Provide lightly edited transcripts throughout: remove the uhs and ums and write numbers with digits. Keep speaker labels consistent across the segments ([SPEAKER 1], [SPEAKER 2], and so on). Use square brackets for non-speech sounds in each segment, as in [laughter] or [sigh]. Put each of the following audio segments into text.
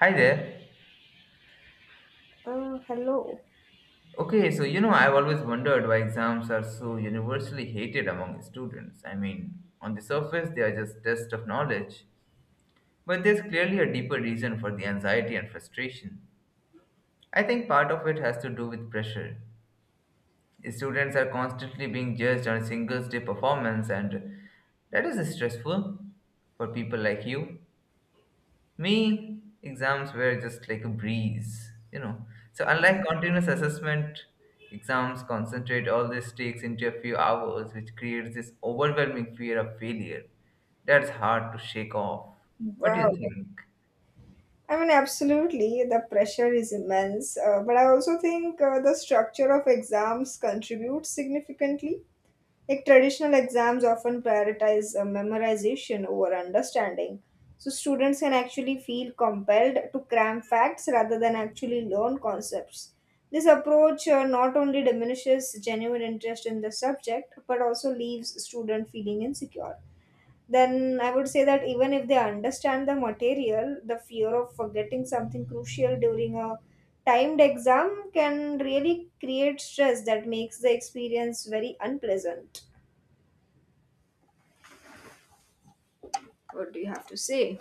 [SPEAKER 1] Hi there.
[SPEAKER 2] Hello.
[SPEAKER 1] I've always wondered why exams are so universally hated among students. On the surface, they are just tests of knowledge, but there's clearly a deeper reason for the anxiety and frustration. I think part of it has to do with pressure. Students are constantly being judged on a single day performance, and that is stressful for people like you. Me, exams were just like a breeze. So, unlike continuous assessment, exams concentrate all these takes into a few hours, which creates this overwhelming fear of failure. That's hard to shake off. What do you
[SPEAKER 2] Wow.
[SPEAKER 1] think?
[SPEAKER 2] I mean, absolutely, the pressure is immense. But I also think the structure of exams contributes significantly. Like traditional exams often prioritize memorization over understanding. So students can actually feel compelled to cram facts rather than actually learn concepts. This approach not only diminishes genuine interest in the subject, but also leaves student feeling insecure. Then I would say that even if they understand the material, the fear of forgetting something crucial during a timed exam can really create stress that makes the experience very unpleasant. What do you have to say?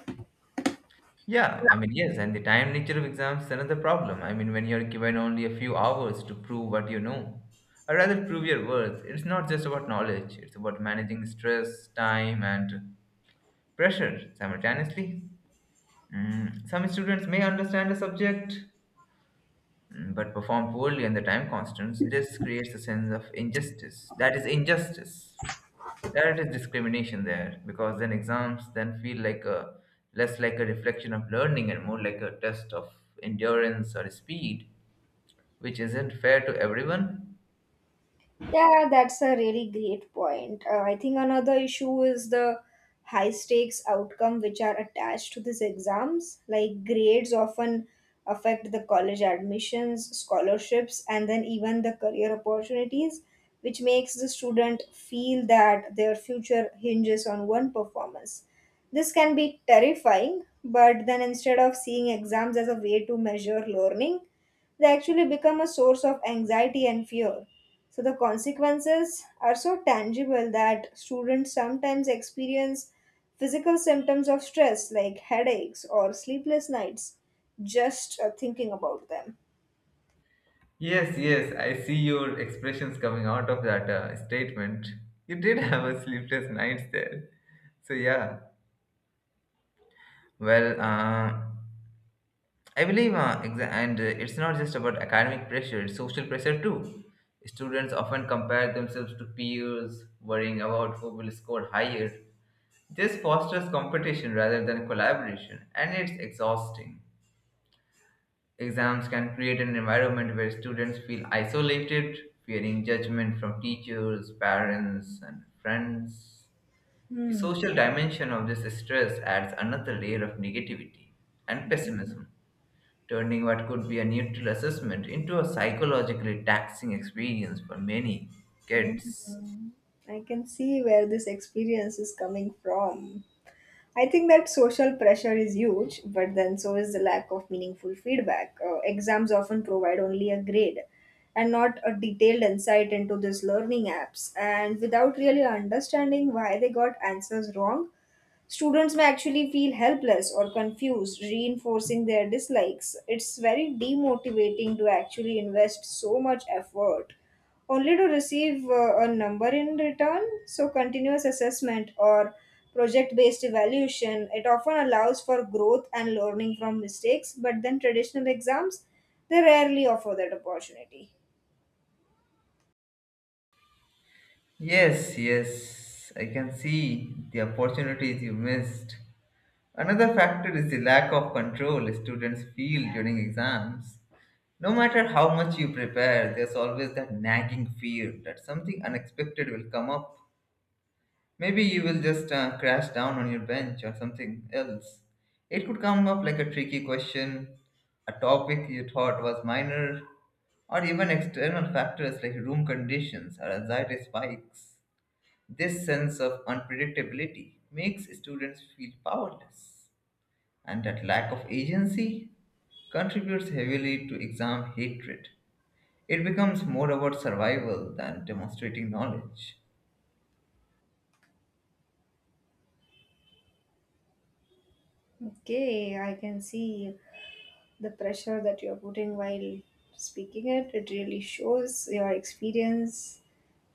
[SPEAKER 1] Yeah, I mean, yes, and the time nature of exams is another problem. I mean, when you're given only a few hours to prove what you know, or rather prove your worth, it's not just about knowledge, it's about managing stress, time, and pressure simultaneously. Some students may understand a subject but perform poorly and the time constants. This creates a sense of injustice. That is injustice. That is discrimination there because then exams then feel like a less like a reflection of learning and more like a test of endurance or speed, which isn't fair to everyone.
[SPEAKER 2] Yeah, that's a really great point. I think another issue is the high stakes outcome which are attached to these exams. Like grades often affect the college admissions, scholarships, and then even the career opportunities, which makes the student feel that their future hinges on one performance. This can be terrifying, but then instead of seeing exams as a way to measure learning, they actually become a source of anxiety and fear. So the consequences are so tangible that students sometimes experience physical symptoms of stress like headaches or sleepless nights just thinking about them.
[SPEAKER 1] Yes, yes, I see your expressions coming out of that statement. You did [laughs] have a sleepless nights there. So yeah, well, uh, I believe, exa- and it's not just about academic pressure, it's social pressure too. Students often compare themselves to peers, worrying about who will score higher. This fosters competition rather than collaboration, and it's exhausting. Exams can create an environment where students feel isolated, fearing judgment from teachers, parents, and friends. The
[SPEAKER 2] Hmm.
[SPEAKER 1] social dimension of this stress adds another layer of negativity and pessimism turning what could be a neutral assessment into a psychologically taxing experience for many kids.
[SPEAKER 2] Mhm. I can see where this experience is coming from. I think that social pressure is huge, but then so is the lack of meaningful feedback. Exams often provide only a grade and not a detailed insight into these learning apps. And without really understanding why they got answers wrong, students may actually feel helpless or confused, reinforcing their dislikes. It's very demotivating to actually invest so much effort only to receive a number in return. So, continuous assessment or project based evaluation it often allows for growth and learning from mistakes, but then traditional exams they rarely offer that opportunity.
[SPEAKER 1] Yes, yes, I can see the opportunities you missed. Another factor is the lack of control students feel during exams. No matter how much you prepare, there's always that nagging fear that something unexpected will come up. Maybe you will just crash down on your bench or something else. It could come up like a tricky question, a topic you thought was minor, or even external factors like room conditions or anxiety spikes. This sense of unpredictability makes students feel powerless, and that lack of agency contributes heavily to exam hatred. It becomes more about survival than demonstrating knowledge.
[SPEAKER 2] Okay, I can see the pressure that you're putting while speaking it really shows your experience.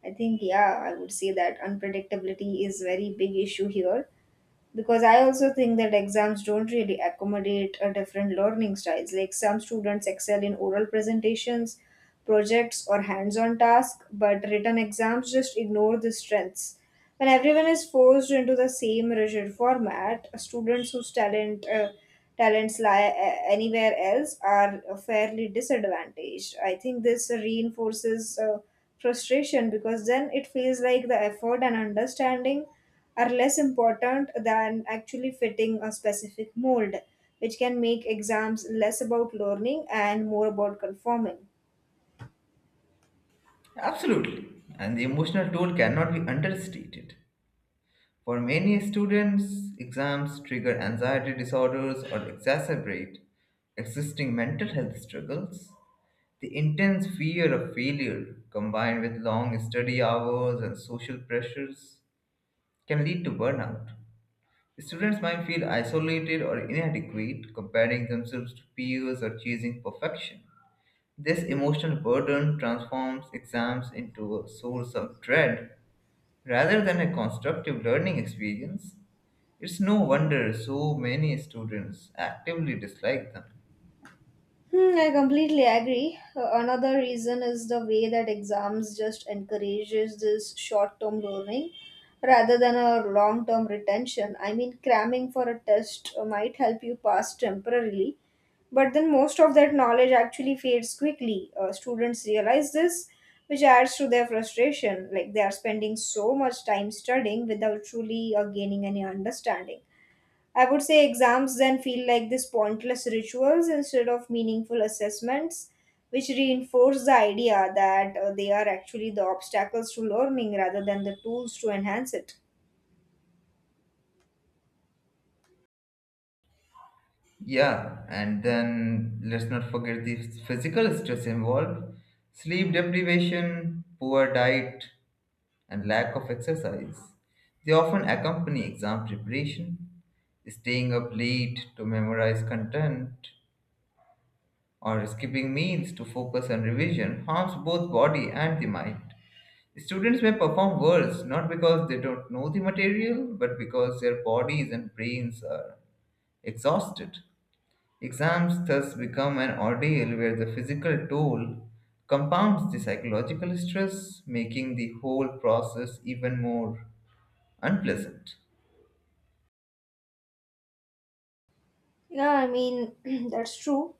[SPEAKER 2] I think, yeah, I would say that unpredictability is very big issue here because I also think that exams don't really accommodate a different learning styles, like some students excel in oral presentations, projects or hands-on tasks, but written exams just ignore the strengths. When everyone is forced into the same rigid format, students whose talents lie anywhere else are fairly disadvantaged. I think this reinforces frustration because then it feels like the effort and understanding are less important than actually fitting a specific mold, which can make exams less about learning and more about conforming.
[SPEAKER 1] Absolutely. And the emotional toll cannot be understated. For many students, exams trigger anxiety disorders or exacerbate existing mental health struggles. The intense fear of failure, combined with long study hours and social pressures, can lead to burnout. Students might feel isolated or inadequate, comparing themselves to peers or chasing perfection. This emotional burden transforms exams into a source of dread rather than a constructive learning experience. It's no wonder so many students actively dislike them.
[SPEAKER 2] Hmm, I completely agree. Another reason is the way that exams just encourages this short-term learning rather than a long-term retention. I mean, cramming for a test might help you pass temporarily, but then most of that knowledge actually fades quickly. Students realize this, which adds to their frustration. Like they are spending so much time studying without truly gaining any understanding. I would say exams then feel like these pointless rituals instead of meaningful assessments, which reinforce the idea that they are actually the obstacles to learning rather than the tools to enhance it.
[SPEAKER 1] Yeah, and then let's not forget the physical stress involved: sleep deprivation, poor diet, and lack of exercise. They often accompany exam preparation. Staying up late to memorize content, or skipping meals to focus on revision harms both body and the mind. Students may perform worse not because they don't know the material, but because their bodies and brains are exhausted. Exams thus become an ordeal where the physical toll compounds the psychological stress, making the whole process even more unpleasant.
[SPEAKER 2] Yeah, I mean, [clears throat] that's true.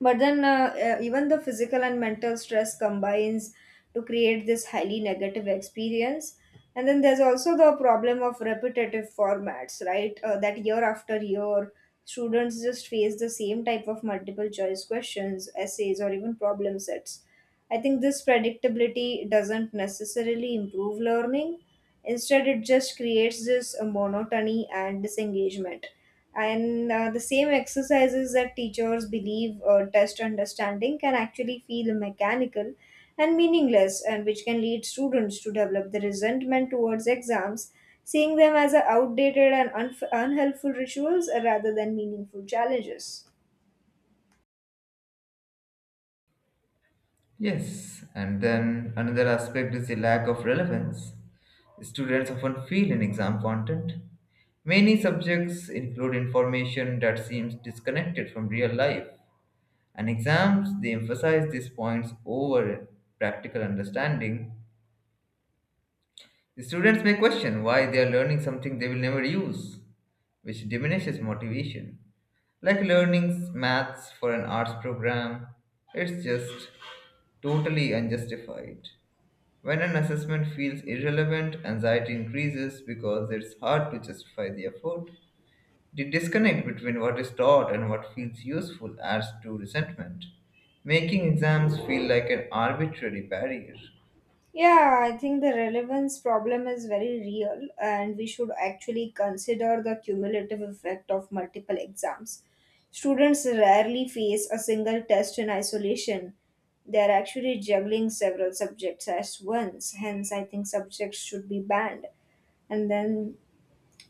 [SPEAKER 2] But then, even the physical and mental stress combines to create this highly negative experience. And then there's also the problem of repetitive formats, right? That year after year, students just face the same type of multiple choice questions, essays, or even problem sets. I think this predictability doesn't necessarily improve learning. Instead, it just creates this monotony and disengagement. And the same exercises that teachers believe test understanding can actually feel mechanical and meaningless, and which can lead students to develop the resentment towards exams, seeing them as a outdated and unhelpful rituals rather than meaningful challenges.
[SPEAKER 1] Yes, and then another aspect is the lack of relevance. Students often feel in exam content. Many subjects include information that seems disconnected from real life. And exams, they emphasize these points over practical understanding. The students may question why they are learning something they will never use, which diminishes motivation. Like learning maths for an arts program, it's just totally unjustified. When an assessment feels irrelevant, anxiety increases because it's hard to justify the effort. The disconnect between what is taught and what feels useful adds to resentment, making exams feel like an arbitrary barrier.
[SPEAKER 2] Yeah, I think the relevance problem is very real, and we should actually consider the cumulative effect of multiple exams. Students rarely face a single test in isolation. They are actually juggling several subjects at once, hence, I think subjects should be banned. And then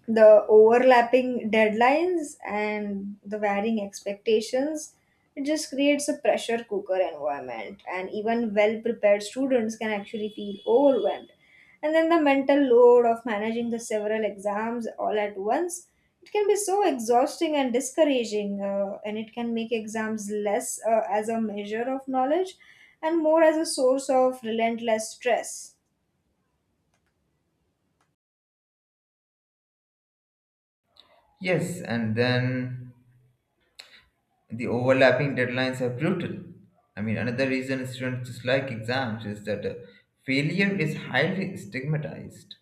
[SPEAKER 2] the overlapping deadlines and the varying expectations it just creates a pressure cooker environment, and even well prepared students can actually feel overwhelmed. And then the mental load of managing the several exams all at once, it can be so exhausting and discouraging, and it can make exams less as a measure of knowledge and more as a source of relentless stress.
[SPEAKER 1] Yes, and then the overlapping deadlines are brutal. I mean, another reason students dislike exams is that failure is highly stigmatized.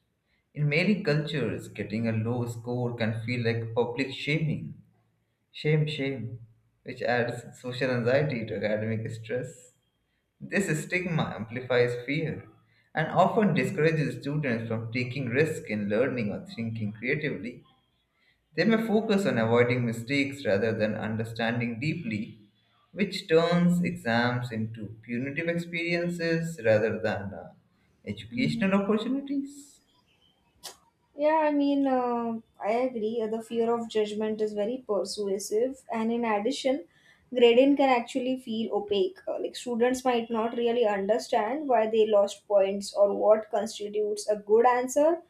[SPEAKER 1] In many cultures, getting a low score can feel like public shaming. Shame, shame, which adds social anxiety to academic stress. This stigma amplifies fear and often discourages students from taking risks in learning or thinking creatively. They may focus on avoiding mistakes rather than understanding deeply, which turns exams into punitive experiences rather than
[SPEAKER 2] Mhm.
[SPEAKER 1] educational opportunities.
[SPEAKER 2] Yeah, I mean, I agree. The fear of judgment is very persuasive, and in addition, grading can actually feel opaque. Like students might not really understand why they lost points or what constitutes a good answer,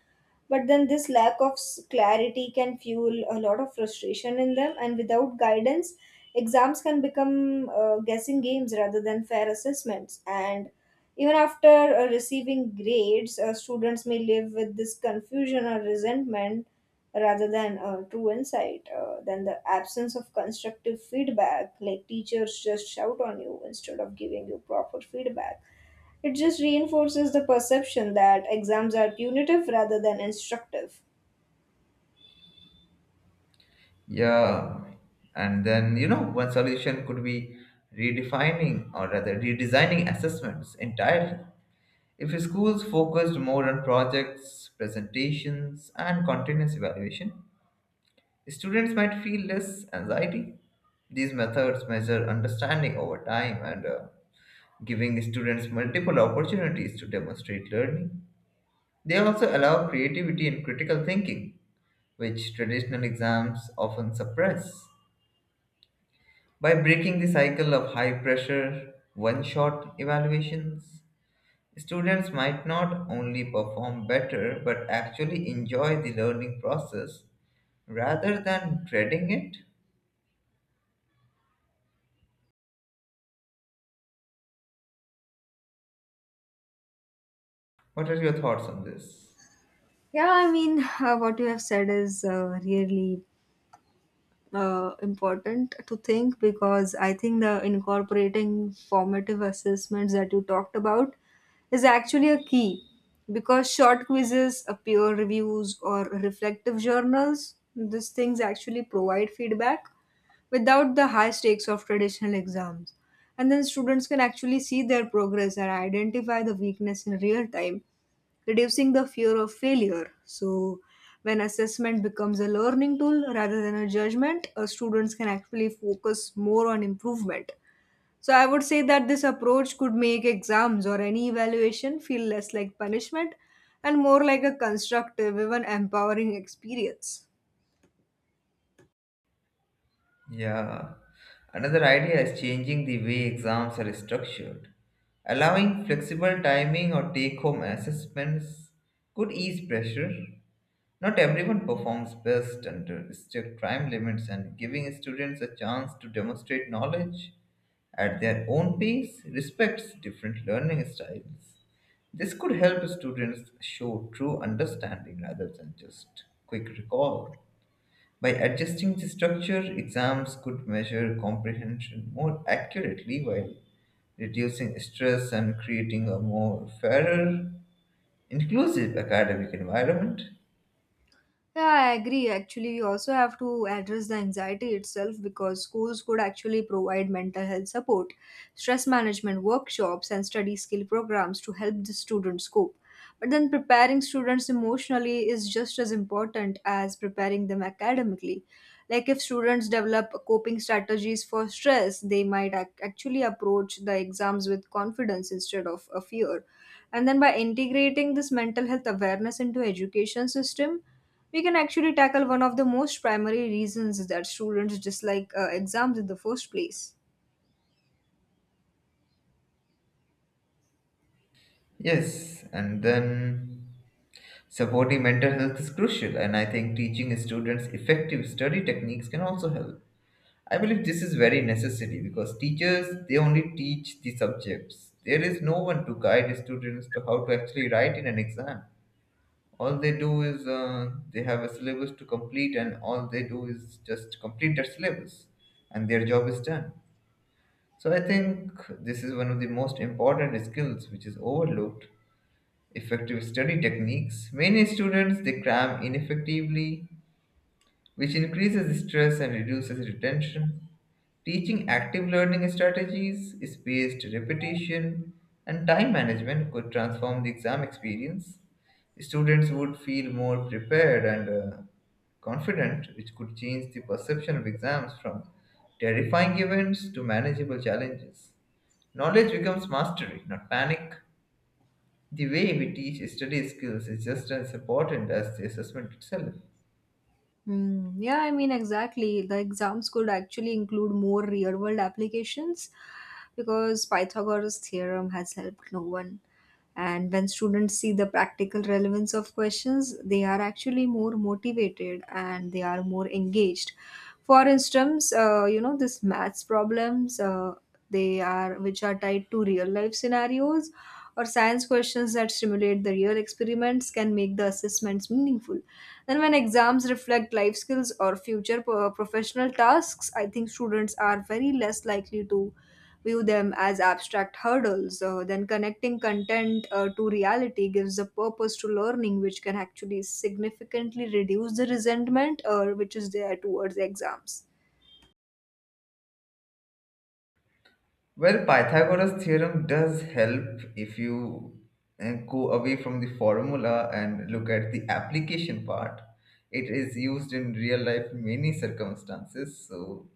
[SPEAKER 2] but then this lack of clarity can fuel a lot of frustration in them. And without guidance, exams can become guessing games rather than fair assessments. And even after receiving grades, students may live with this confusion or resentment rather than true insight. Than the absence of constructive feedback, like teachers just shout on you instead of giving you proper feedback, it just reinforces the perception that exams are punitive rather than instructive.
[SPEAKER 1] Yeah, and then you know, one solution could be redefining or rather redesigning assessments entirely. If schools focused more on projects, presentations, and continuous evaluation, students might feel less anxiety. These methods measure understanding over time and giving students multiple opportunities to demonstrate learning. They also allow creativity and critical thinking, which traditional exams often suppress. By breaking the cycle of high pressure, one shot evaluations, students might not only perform better but actually enjoy the learning process rather than dreading it. What are your thoughts on this?
[SPEAKER 2] Yeah, I mean, what you have said is really important to think, because I think the incorporating formative assessments that you talked about is actually a key, because short quizzes, peer reviews, or reflective journals, these things actually provide feedback without the high stakes of traditional exams. And then students can actually see their progress and identify the weakness in real time, reducing the fear of failure. So, when assessment becomes a learning tool rather than a judgment, students can actually focus more on improvement. So, I would say that this approach could make exams or any evaluation feel less like punishment and more like a constructive, even empowering experience.
[SPEAKER 1] Yeah. Another idea is changing the way exams are structured. Allowing flexible timing or take home assessments could ease pressure. Not everyone performs best under strict time limits, and giving students a chance to demonstrate knowledge at their own pace respects different learning styles. This could help students show true understanding rather than just quick recall. By adjusting the structure, exams could measure comprehension more accurately while reducing stress and creating a more fairer, inclusive academic environment.
[SPEAKER 2] Yeah, I agree. Actually, we also have to address the anxiety itself, because schools could actually provide mental health support, stress management workshops, and study skill programs to help the students cope. But then preparing students emotionally is just as important as preparing them academically. Like, if students develop coping strategies for stress, they might actually approach the exams with confidence instead of a fear. And then by integrating this mental health awareness into education system, we can actually tackle one of the most primary reasons that students dislike exams in the first place.
[SPEAKER 1] Yes, and then supporting mental health is crucial, and I think teaching students effective study techniques can also help. I believe this is very necessary because teachers they only teach the subjects. There is no one to guide students to how to actually write in an exam. All they do is they have a syllabus to complete, and all they do is just complete their syllabus, and their job is done. So I think this is one of the most important skills which is overlooked. Effective study techniques. Many students they cram ineffectively, which increases stress and reduces retention. Teaching active learning strategies, spaced repetition, and time management could transform the exam experience. Students would feel more prepared and confident, which could change the perception of exams from terrifying events to manageable challenges. Knowledge becomes mastery, not panic. The way we teach study skills is just as important as the assessment itself.
[SPEAKER 2] Mm, yeah, I mean, exactly. The exams could actually include more real world applications because Pythagoras' theorem has helped no one. And when students see the practical relevance of questions, they are actually more motivated and they are more engaged. For instance, you know, this maths problems, they are which are tied to real life scenarios or science questions that stimulate the real experiments can make the assessments meaningful. Then, when exams reflect life skills or future professional tasks, I think students are very less likely to view them as abstract hurdles. Then, connecting content to reality gives a purpose to learning, which can actually significantly reduce the resentment which is there towards exams.
[SPEAKER 1] Well, Pythagoras' theorem does help if you go away from the formula and look at the application part. It is used in real life in many circumstances. So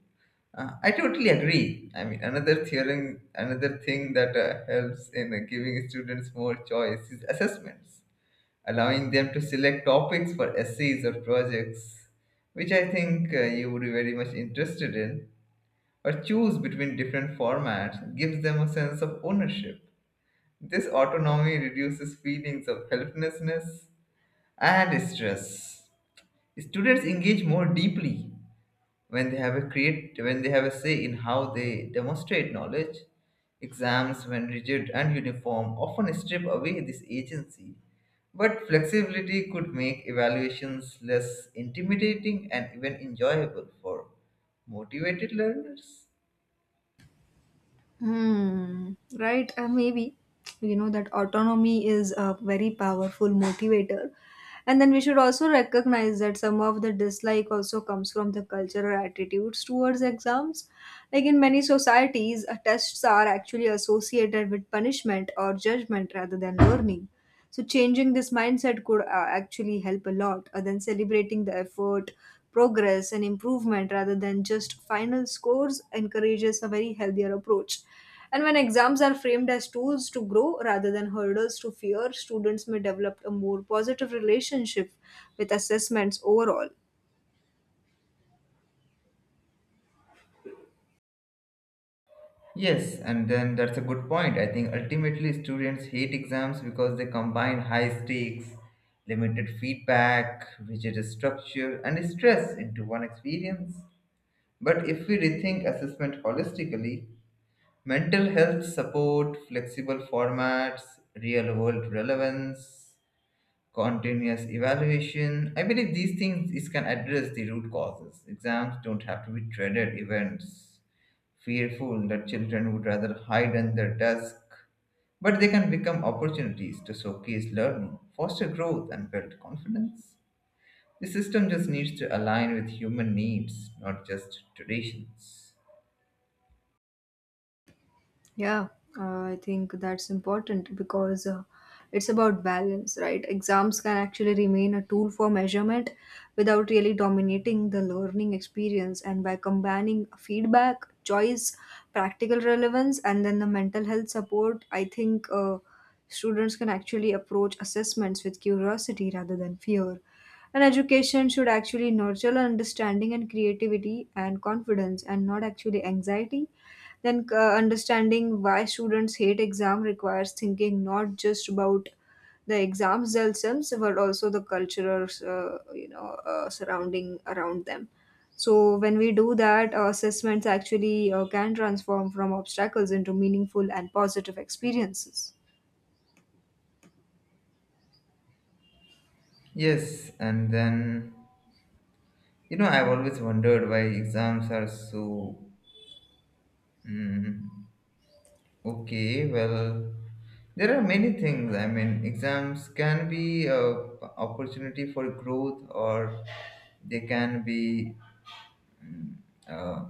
[SPEAKER 1] I totally agree. I mean, another theorem, another thing that helps in giving students more choice is assessments, allowing them to select topics for essays or projects, which I think you would be very much interested in or choose between different formats gives them a sense of ownership. This autonomy reduces feelings of helplessness and stress. Students engage more deeply when they have a say in how they demonstrate knowledge. Exams, when rigid and uniform, often strip away this agency. But flexibility could make evaluations less intimidating and even enjoyable for motivated learners.
[SPEAKER 2] Hmm, right, maybe. You know that autonomy is a very powerful motivator. And then we should also recognize that some of the dislike also comes from the cultural attitudes towards exams. Like in many societies, tests are actually associated with punishment or judgment rather than learning. So changing this mindset could actually help a lot, than celebrating the effort, progress, and improvement rather than just final scores encourages a very healthier approach. And when exams are framed as tools to grow rather than hurdles to fear, students may develop a more positive relationship with assessments overall.
[SPEAKER 1] Yes, and then that's a good point. I think ultimately students hate exams because they combine high stakes, limited feedback, rigid structure, and stress into one experience. But if we rethink assessment holistically, mental health support, flexible formats, real world relevance, continuous evaluation. I believe these things this can address the root causes. Exams don't have to be dreaded events, fearful that children would rather hide under desk, but they can become opportunities to showcase learning, foster growth, and build confidence. The system just needs to align with human needs, not just traditions.
[SPEAKER 2] Yeah, I think that's important because it's about balance, right? Exams can actually remain a tool for measurement without really dominating the learning experience. And by combining feedback, choice, practical relevance, and then the mental health support, I think students can actually approach assessments with curiosity rather than fear. And education should actually nurture understanding and creativity and confidence and not actually anxiety. Then understanding why students hate exam requires thinking not just about the exams themselves, but also the cultural, surrounding around them. So when we do that, assessments actually can transform from obstacles into meaningful and positive experiences.
[SPEAKER 1] Yes, and then you know I've always wondered why exams are so mm, okay, well, there are many things. I mean, exams can be a opportunity for growth, or they can be uh,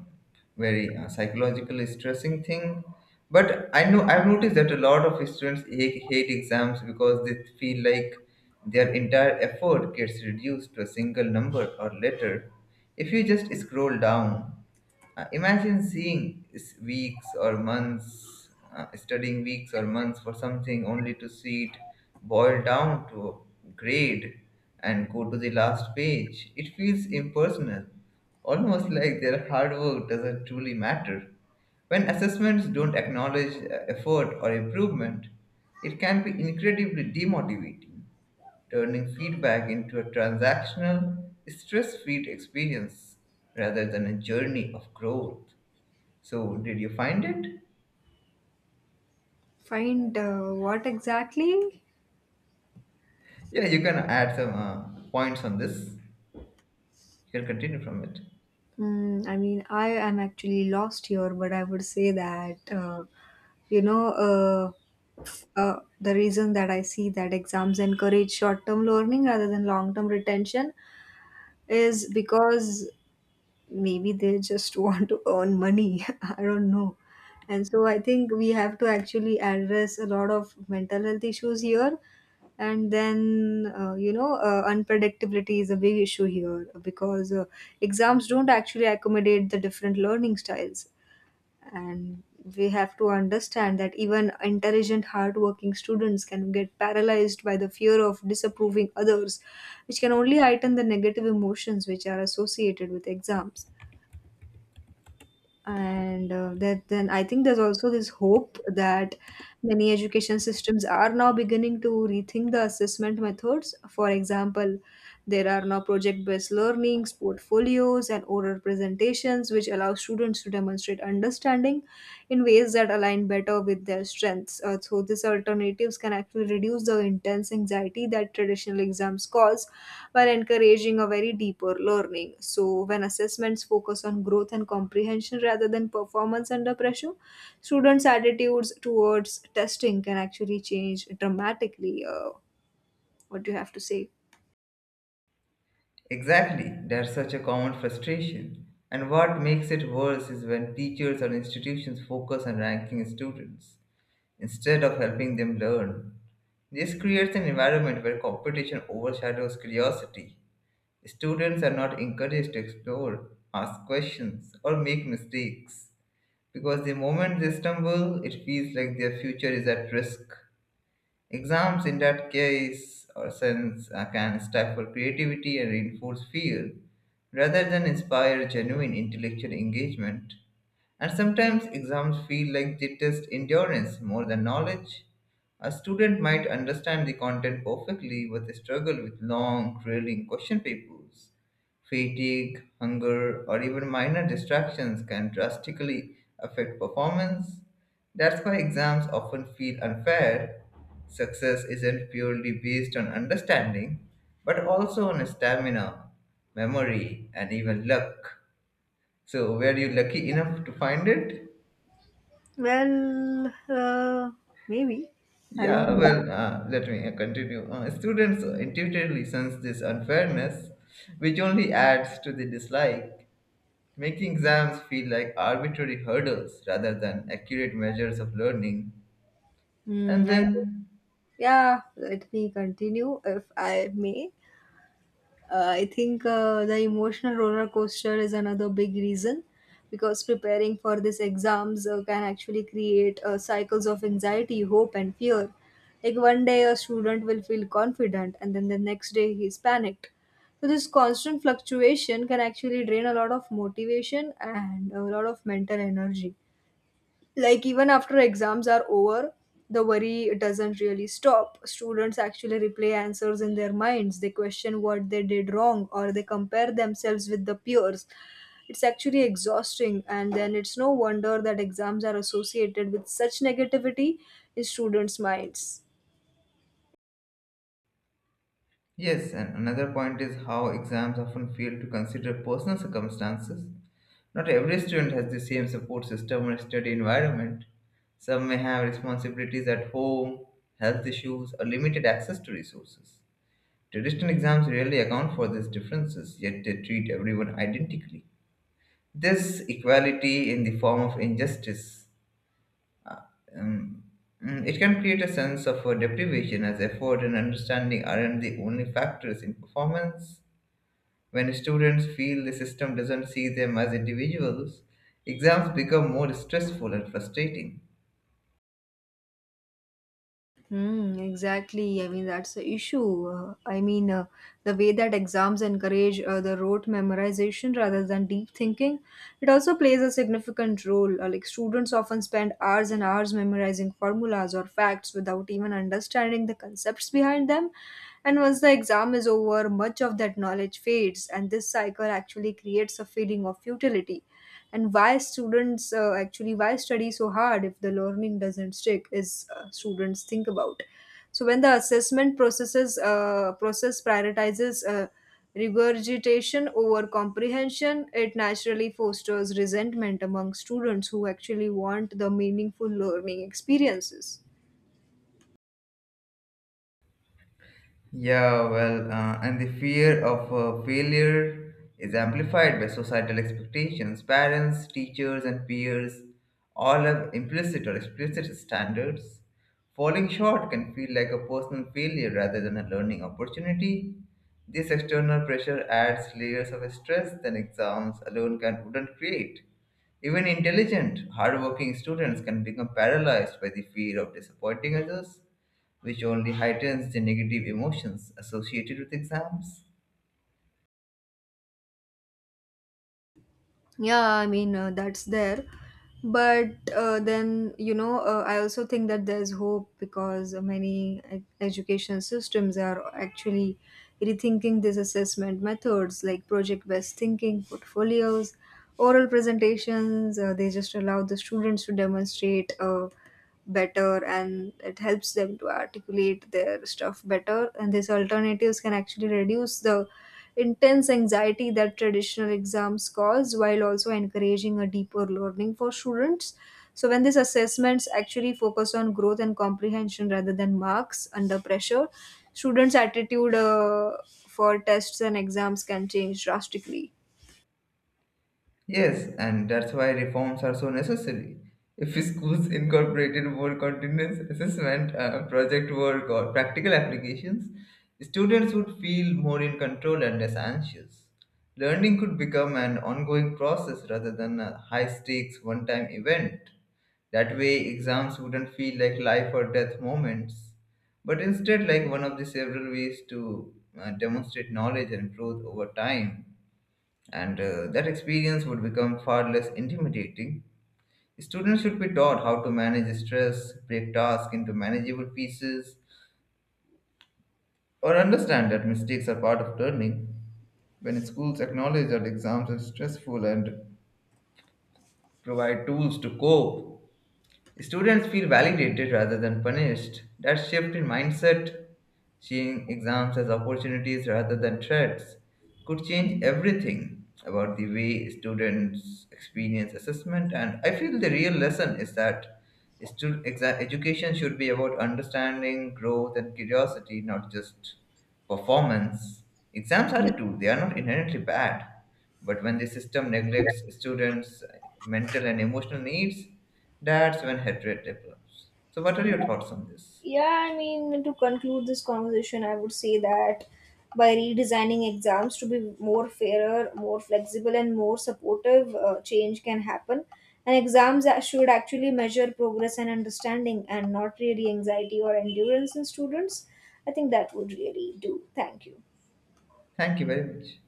[SPEAKER 1] very psychological stressing thing. But I know I've noticed that a lot of students hate exams because they feel like their entire effort gets reduced to a single number or letter. If you just scroll down. Imagine seeing s- weeks or months, studying weeks or months for something only to see it boil down to a grade and go to the last page. It feels impersonal, almost [laughs] like their hard work doesn't truly matter. When assessments don't acknowledge effort or improvement, it can be incredibly demotivating turning feedback into a transactional, stress free experience rather than a journey of growth. So, did you find it?
[SPEAKER 2] Find what exactly?
[SPEAKER 1] Yeah, you can add some points on this. You can continue from it.
[SPEAKER 2] Mm, I mean, I am actually lost here, but I would say that, you know, uh, the reason that I see that exams encourage short term learning rather than long term retention is because maybe they just [laughs] want to earn money [laughs] I don't know. And so I think we have to actually address a lot of mental health issues here. And then unpredictability is a big issue here because exams don't actually accommodate the different learning styles. And we have to understand that even intelligent hardworking students can get paralyzed by the fear of disapproving others, which can only heighten the negative emotions which are associated with exams. And that then I think there's also this hope that many education systems are now beginning to rethink the assessment methods. For example, there are now project based learnings, portfolios, and oral presentations which allow students to demonstrate understanding in ways that align better with their strengths. So these alternatives can actually reduce the intense anxiety that traditional exams cause while encouraging a very deeper learning. So when assessments focus on growth and comprehension rather than performance under pressure, students' attitudes towards testing can actually change dramatically. What do you have to say?
[SPEAKER 1] Exactly, that's such a common frustration. And what makes it worse is when teachers or institutions focus on ranking students instead of helping them learn. This creates an environment where competition overshadows curiosity. Students are not encouraged to explore, ask questions, or make mistakes because the moment they stumble, it feels like their future is at risk. Exams, in that case or sense, can stifle creativity and reinforce fear rather than inspire genuine intellectual engagement. And sometimes exams feel like they test endurance more than knowledge. A student might understand the content perfectly but struggle with long, grueling question papers. Fatigue, hunger, or even minor distractions can drastically affect performance. That's why exams often feel unfair. Success isn't purely based on understanding, but also on stamina, memory, and even luck. So, were you lucky enough to find it?
[SPEAKER 2] Well, maybe. I don't
[SPEAKER 1] Yeah,
[SPEAKER 2] know.
[SPEAKER 1] let me continue. Students intuitively sense this unfairness, which only adds to the dislike, making exams feel like arbitrary hurdles rather than accurate measures of learning.
[SPEAKER 2] Hmm,
[SPEAKER 1] And
[SPEAKER 2] I,
[SPEAKER 1] then
[SPEAKER 2] yeah, let me continue if I may. I think the emotional roller coaster is another big reason, because preparing for these exams can actually create cycles of anxiety, hope, and fear. Like one day a student will feel confident, and then the next day he's panicked. So this constant fluctuation can actually drain a lot of motivation and a lot of mental energy. Like even after exams are over, the worry doesn't really stop. Students actually replay answers in their minds, they question what they did wrong, or they compare themselves with the peers. It's actually exhausting, and then it's no wonder that exams are associated with such negativity in students minds.
[SPEAKER 1] yes, and another point is how exams often fail to consider personal circumstances. Not every student has the same support system or study environment. Some may have responsibilities at home, health issues, or limited access to resources. Traditional exams rarely account for these differences, yet they treat everyone identically. This equality in the form of injustice, um, it can create a sense of deprivation as effort and understanding aren't the only factors in performance. When students feel the system doesn't see them as individuals, exams become more stressful and frustrating.
[SPEAKER 2] Hmm, exactly. I mean, that's the issue. The way that exams encourage the rote memorization rather than deep thinking, it also plays a significant role. Like, students often spend hours and hours memorizing formulas or facts without even understanding the concepts behind them. And once the exam is over, much of that knowledge fades, and this cycle actually creates a feeling of futility and why students actually why study so hard if the learning doesn't stick, is students think about. So when the assessment process prioritizes regurgitation over comprehension, it naturally fosters resentment among students who actually want the meaningful learning experiences.
[SPEAKER 1] Yeah, and the fear of failure is amplified by societal expectations. Parents, teachers, and peers all have implicit or explicit standards. Falling short can feel like a personal failure rather than a learning opportunity. This external pressure adds layers of stress that exams alone can wouldn't create. Even intelligent, hardworking students can become paralyzed by the fear of disappointing others which only heightens the negative emotions associated with exams.
[SPEAKER 2] Yeah, I mean, that's there, but then you know I also think that there's hope because many education systems are actually rethinking these assessment methods, like project based thinking, portfolios, oral presentations. They just allow the students to demonstrate better, and it helps them to articulate their stuff better, and these alternatives can actually reduce the intense anxiety that traditional exams cause while also encouraging a deeper learning for students. So when these assessments actually focus on growth and comprehension rather than marks under pressure, students attitude for tests and exams can change drastically.
[SPEAKER 1] Yes, and that's why reforms are so necessary. If [laughs] schools incorporated more continuous assessment, project work, or practical applications, students would feel more in control and less anxious. Learning could become an ongoing process rather than a high stakes one time event. That way, exams wouldn't feel like life or death moments, but instead, like one of the several ways to demonstrate knowledge and growth over time and that experience would become far less intimidating. Students should be taught how to manage stress, break tasks into manageable pieces, or understand that mistakes are part of learning. When schools acknowledge that exams are stressful and provide tools to cope, students feel validated rather than punished. That shift in mindset, seeing exams as opportunities rather than threats, could change everything about the way students experience assessment. And I feel the real lesson is that education should be about understanding, growth, and curiosity, not just performance. Exams are a tool, they are not inherently bad. But when the system neglects students' mental and emotional needs, that's when hatred develops. So, what are
[SPEAKER 2] Yeah.
[SPEAKER 1] your thoughts on this?
[SPEAKER 2] Yeah, I mean, to conclude this conversation, I would say that by redesigning exams to be more fairer, more flexible, and more supportive, change can happen. And exams should actually measure progress and understanding and not really anxiety or endurance in students. I think that would really do. Thank you.
[SPEAKER 1] Thank you very much.